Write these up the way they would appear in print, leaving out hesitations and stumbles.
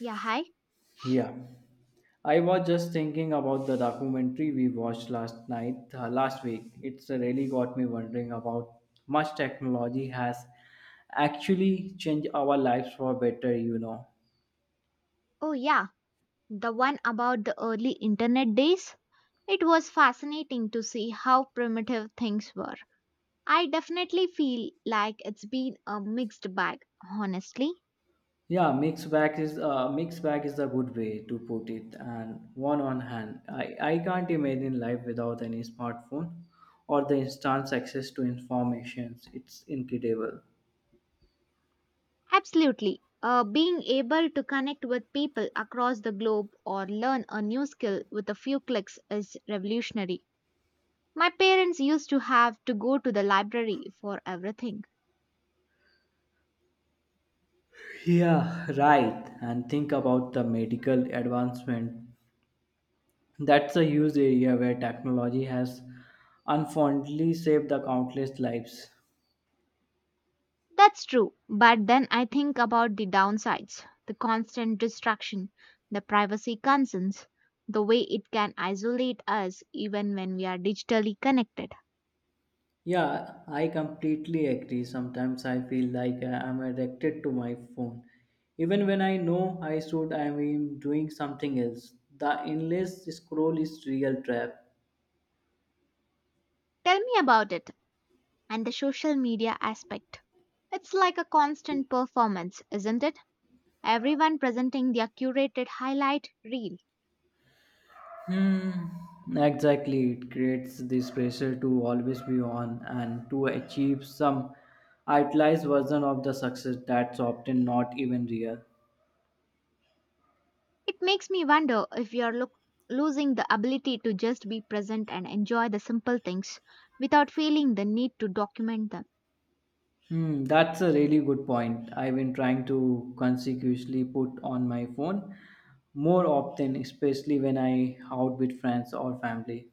Yeah, hi. Yeah, I was just thinking about the documentary we watched last night, last week. It's really got me wondering about much technology has actually changed our lives for better. You know, Oh, yeah, the one about the early internet days. It was fascinating to see how primitive things were. I definitely feel like it's been a mixed bag, honestly. yeah, Mixed bag is a good way to put it. And one on hand, I can't imagine life without any smartphone or the instant access to information. It's incredible. Absolutely. Being able to connect with people across the globe or learn a new skill with a few clicks is revolutionary. My parents used to have to go to the library for everything. Yeah, right. And think about the medical advancement. That's a huge area where technology has unfondly saved the countless lives. That's true. But then I think about the downsides: the constant distraction, the privacy concerns, the way it can isolate us even when we are digitally connected. Yeah, I completely agree. Sometimes I feel like I am addicted to my phone. Even when I know I should, I am doing something else. The endless scroll is real trap. Tell me about it, and the social media aspect. It's like a constant performance, isn't it? Everyone presenting their curated highlight reel. Hmm. Exactly, it creates this pressure to always be on and to achieve some idealized version of the success that's often not even real. It makes me wonder if we are look losing the ability to just be present and enjoy the simple things without feeling the need to document them. That's a really good point. I've been trying to consecutively put on my phone more often, especially when I out with friends or family.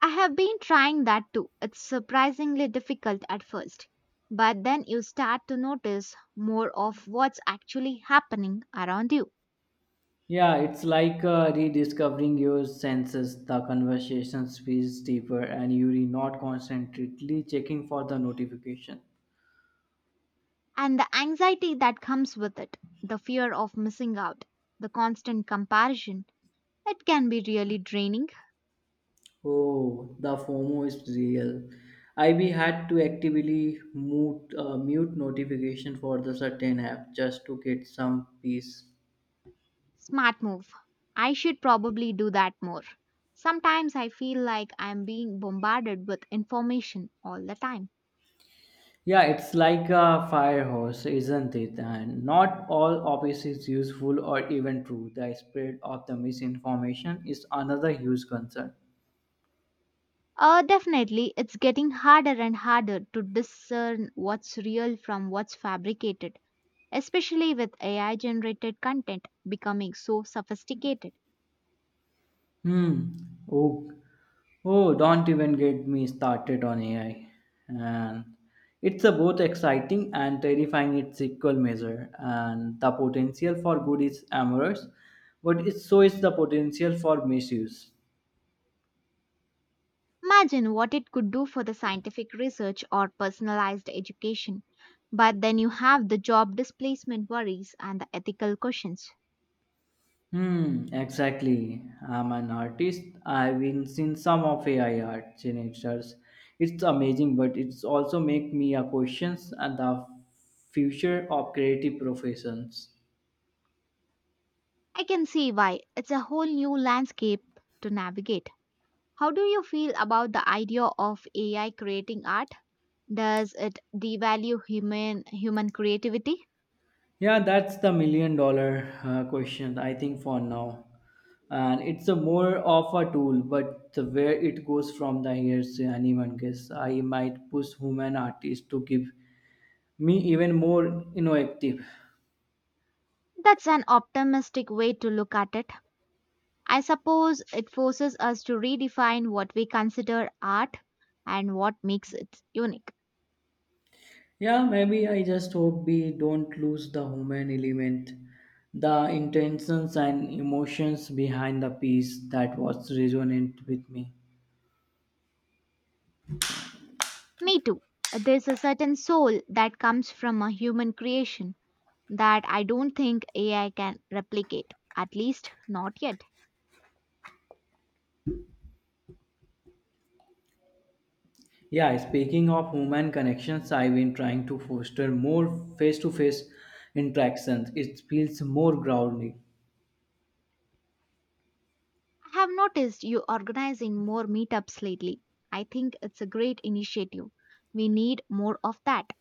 I have been trying that too. It's surprisingly difficult at first, but then you start to notice more of what's actually happening around you, Yeah, it's like rediscovering your senses. The conversations feels deeper, and you're not constantly checking for the notification. and the anxiety that comes with it, the fear of missing out, the constant comparison. It can be really draining. Oh, the FOMO is real. I we had to actively mute notification for the certain app just to get some peace. Smart move. I should probably do that more. Sometimes I feel like I'm being bombarded with information all the time. Yeah, it's like a fire hose, isn't it? And not all of is useful or even true. The spread of the misinformation is another huge concern. Definitely, it's getting harder and harder to discern what's real from what's fabricated, especially with AI generated content becoming so sophisticated. Hmm. Oh, oh, don't even get me started on AI. And it's a both exciting and terrifying its equal measure. And the potential for good is amorous, but it's, so is the potential for misuse. Imagine what it could do for the scientific research or personalized education. But then you have the job displacement worries and the ethical questions. Exactly. I'm an artist. I've been seen some of AI art generators. It's amazing, but it's also make me a questions and the future of creative professions. I can see why, it's a whole new landscape to navigate. How do you feel about the idea of AI creating art? Does it devalue human creativity? Yeah, that's the million dollar question I think for now. And it's a more of a tool, but the where it goes from the here is anyone guess. I might push human artists to give me even more innovative. That's an optimistic way to look at it. I suppose it forces us to redefine what we consider art and what makes it unique. Yeah, maybe I just hope we don't lose the human element, the intentions and emotions behind the piece that was resonant with me. Me too. There's a certain soul that comes from a human creation that I don't think AI can replicate, at least not yet. Yeah, speaking of human connections, I've been trying to foster more face to face interactions. It feels more grounding. I have noticed you organizing more meetups lately. I think it's a great initiative. We need more of that.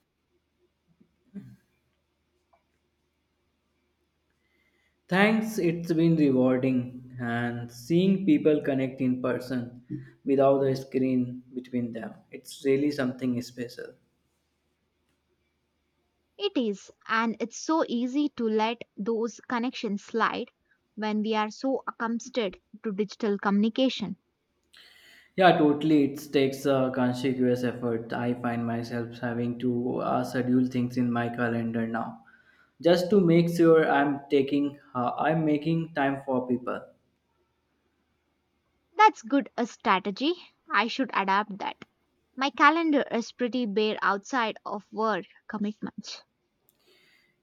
Thanks, it's been rewarding and seeing people connect in person without the screen between them. It's really something special. It is, and it's so easy to let those connections slide when we are so accustomed to digital communication. Yeah, totally. It takes a conscious effort. I find myself having to schedule things in my calendar now, just to make sure I'm I'm making time for people. That's good a strategy. I should adapt that. My calendar is pretty bare outside of work commitments.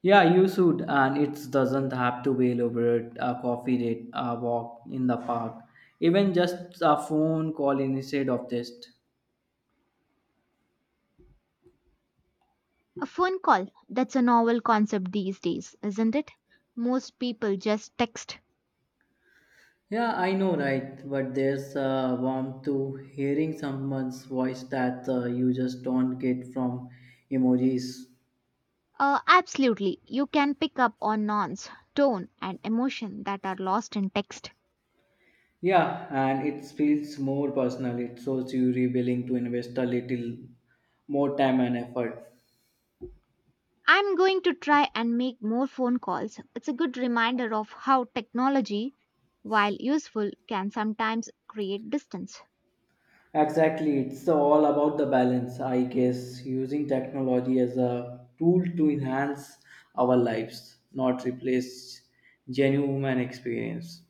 Yeah, you should, and it doesn't have to be elaborate. A coffee date, a walk in the park, even just a phone call instead of just. A phone call, that's a novel concept these days, isn't it? Most people just text. Yeah, I know, right? But there's a warmth to hearing someone's voice that you just don't get from emojis. Absolutely, you can pick up on nonce, tone, and emotion that are lost in text. Yeah, and it feels more personal. It shows you really willing to invest a little more time and effort. I'm going to try and make more phone calls. It's a good reminder of how technology, while useful, can sometimes create distance. Exactly, it's all about the balance, I guess, using technology as a tool to enhance our lives, not replace genuine human experience.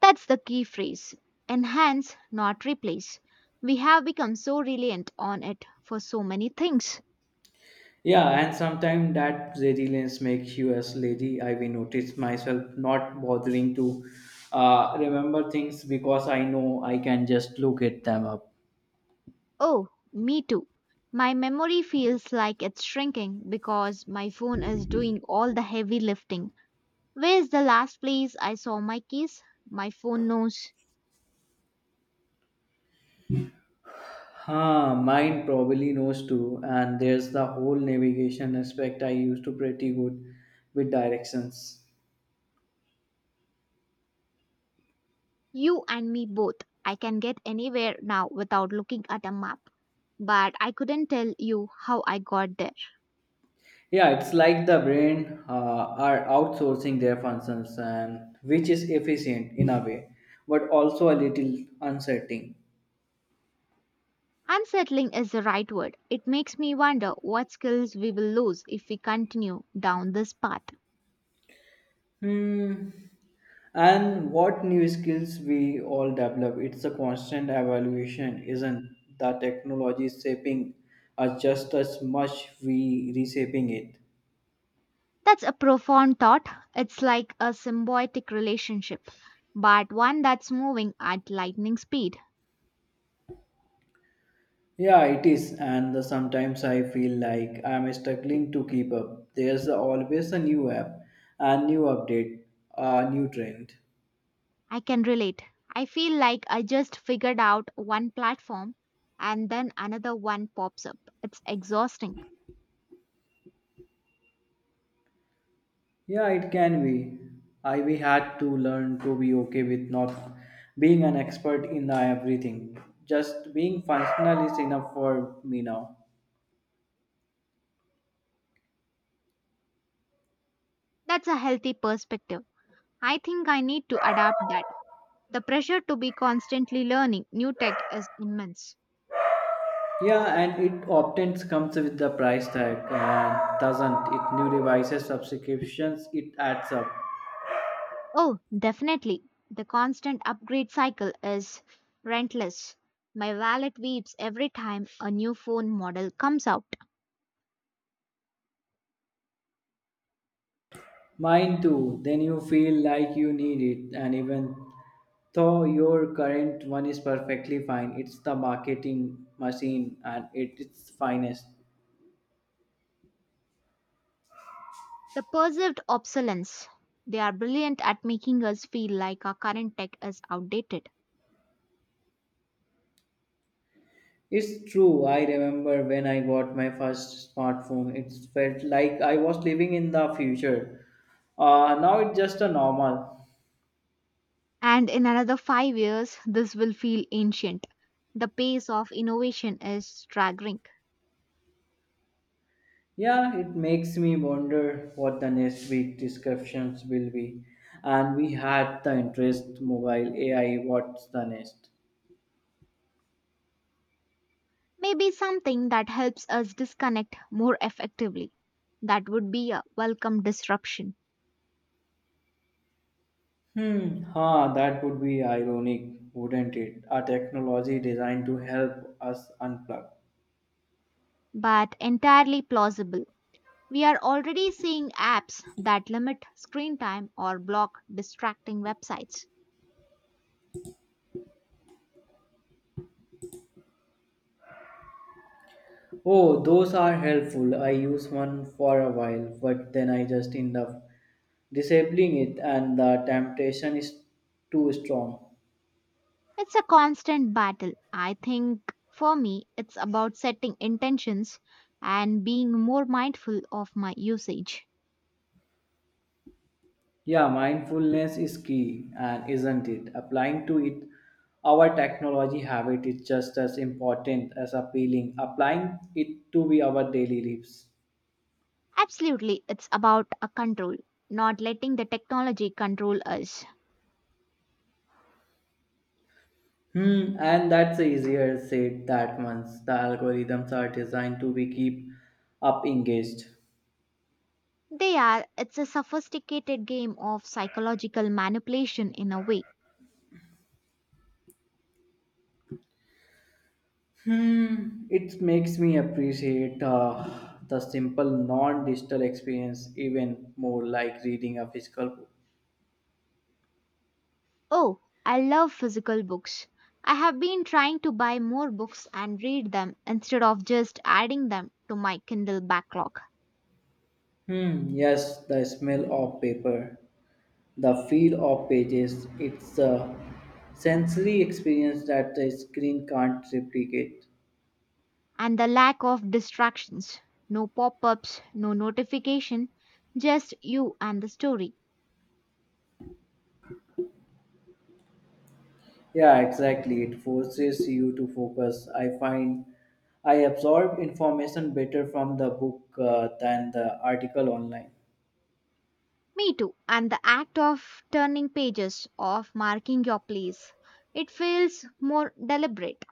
That's the key phrase: enhance, not replace. We have become so reliant on it for so many things. Yeah, and sometimes that resilience makes you as lazy. I will notice myself not bothering to remember things because I know I can just look at them up. Oh, me too. My memory feels like it's shrinking because my phone is doing all the heavy lifting. Where's the last place I saw my keys? My phone knows. Huh, mine probably knows too. And there's the whole navigation aspect. I used to pretty good with directions. You and me both. I can get anywhere now without looking at a map. But I couldn't tell you how I got there. Yeah, it's like the brain are outsourcing their functions, and which is efficient in a way, but also a little uncertain. Unsettling is the right word. It makes me wonder what skills we will lose if we continue down this path. Hmm. And what new skills we all develop? It's a constant evaluation, isn't the technology shaping us just as much we reshaping it? That's a profound thought. It's like a symbiotic relationship, but one that's moving at lightning speed. Yeah, it is, and the, sometimes I feel like I'm struggling to keep up. There's always a new app, a new update, a new trend. I can relate. I feel like I just figured out one platform and then another one pops up. It's exhausting. Yeah, it can be. I we had to learn to be okay with not being an expert in everything. Just being functional is enough for me now. That's a healthy perspective. I think I need to adapt that. The pressure to be constantly learning new tech is immense. Yeah, and it often comes with the price tag, and doesn't it? New devices, subscriptions, it adds up. Oh, definitely. The constant upgrade cycle is relentless. My wallet weeps every time a new phone model comes out. Mine too. Then you feel like you need it, and even though your current one is perfectly fine, it's the marketing machine and at its finest. The perceived obsolescence. They are brilliant at making us feel like our current tech is outdated. It's true. I remember when I got my first smartphone, it felt like I was living in the future. Now it's just a normal. And in another 5 years, this will feel ancient. The pace of innovation is staggering. Yeah, it makes me wonder what the next week descriptions will be. And we had the interest mobile AI. What's the next? Maybe something that helps us disconnect more effectively. That would be a welcome disruption, Huh, that would be ironic, wouldn't it? A technology designed to help us unplug. but entirely plausible. We are already seeing apps that limit screen time or block distracting websites. Oh, those are helpful. I used one for a while, but then I just end up disabling it, and the temptation is too strong. It's a constant battle. I think for me, it's about setting intentions and being more mindful of my usage. Yeah, mindfulness is key, and isn't it? Applying to it our technology habit is just as important as applying it to be our daily lives. Absolutely, it's about a control, not letting the technology control us. And that's easier said that once the algorithms are designed to be keep up engaged. They are. It's a sophisticated game of psychological manipulation in a way. Hmm, it makes me appreciate the simple non-digital experience even more, like reading a physical book. Oh, I love physical books. I have been trying to buy more books and read them instead of just adding them to my Kindle backlog. Hmm, yes, the smell of paper, the feel of pages. It's a sensory experience that the screen can't replicate. And the lack of distractions, no pop ups, no notification, just you and the story. Yeah, exactly. It forces you to focus. I find I absorb information better from the book than the article online. Me too. And the act of turning pages, of marking your place, it feels more deliberate.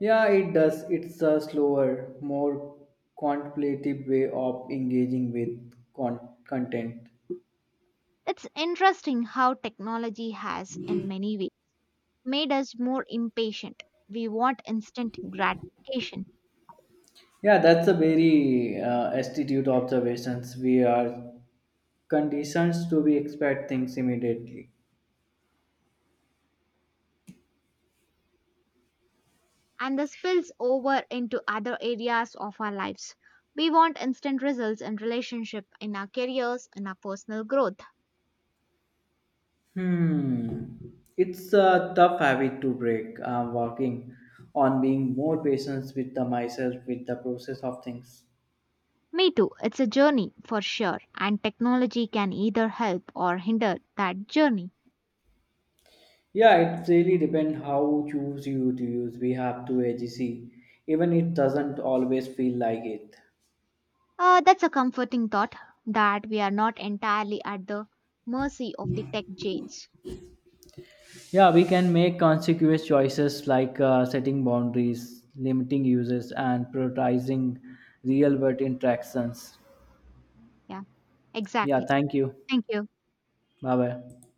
Yeah, it does. It's a slower, more contemplative way of engaging with content. It's interesting how technology has, in many ways, made us more impatient. We want instant gratification, Yeah, that's a very astute observations. We are conditioned to be expect things immediately. and this spills over into other areas of our lives. We want instant results in relationship, in our careers, in our personal growth. Hmm. It's a tough habit to break. I'm working on being more patient with the myself with the process of things. Me too, it's a journey for sure, and technology can either help or hinder that journey. Yeah, it really depends how choose you to use. We have to AGC, even it doesn't always feel like it. That's a comforting thought that we are not entirely at the mercy of the tech giants. Yeah, we can make consequential choices like setting boundaries, limiting uses, and prioritizing real world interactions. Yeah, Yeah, exactly. thank you. Thank you. Bye bye.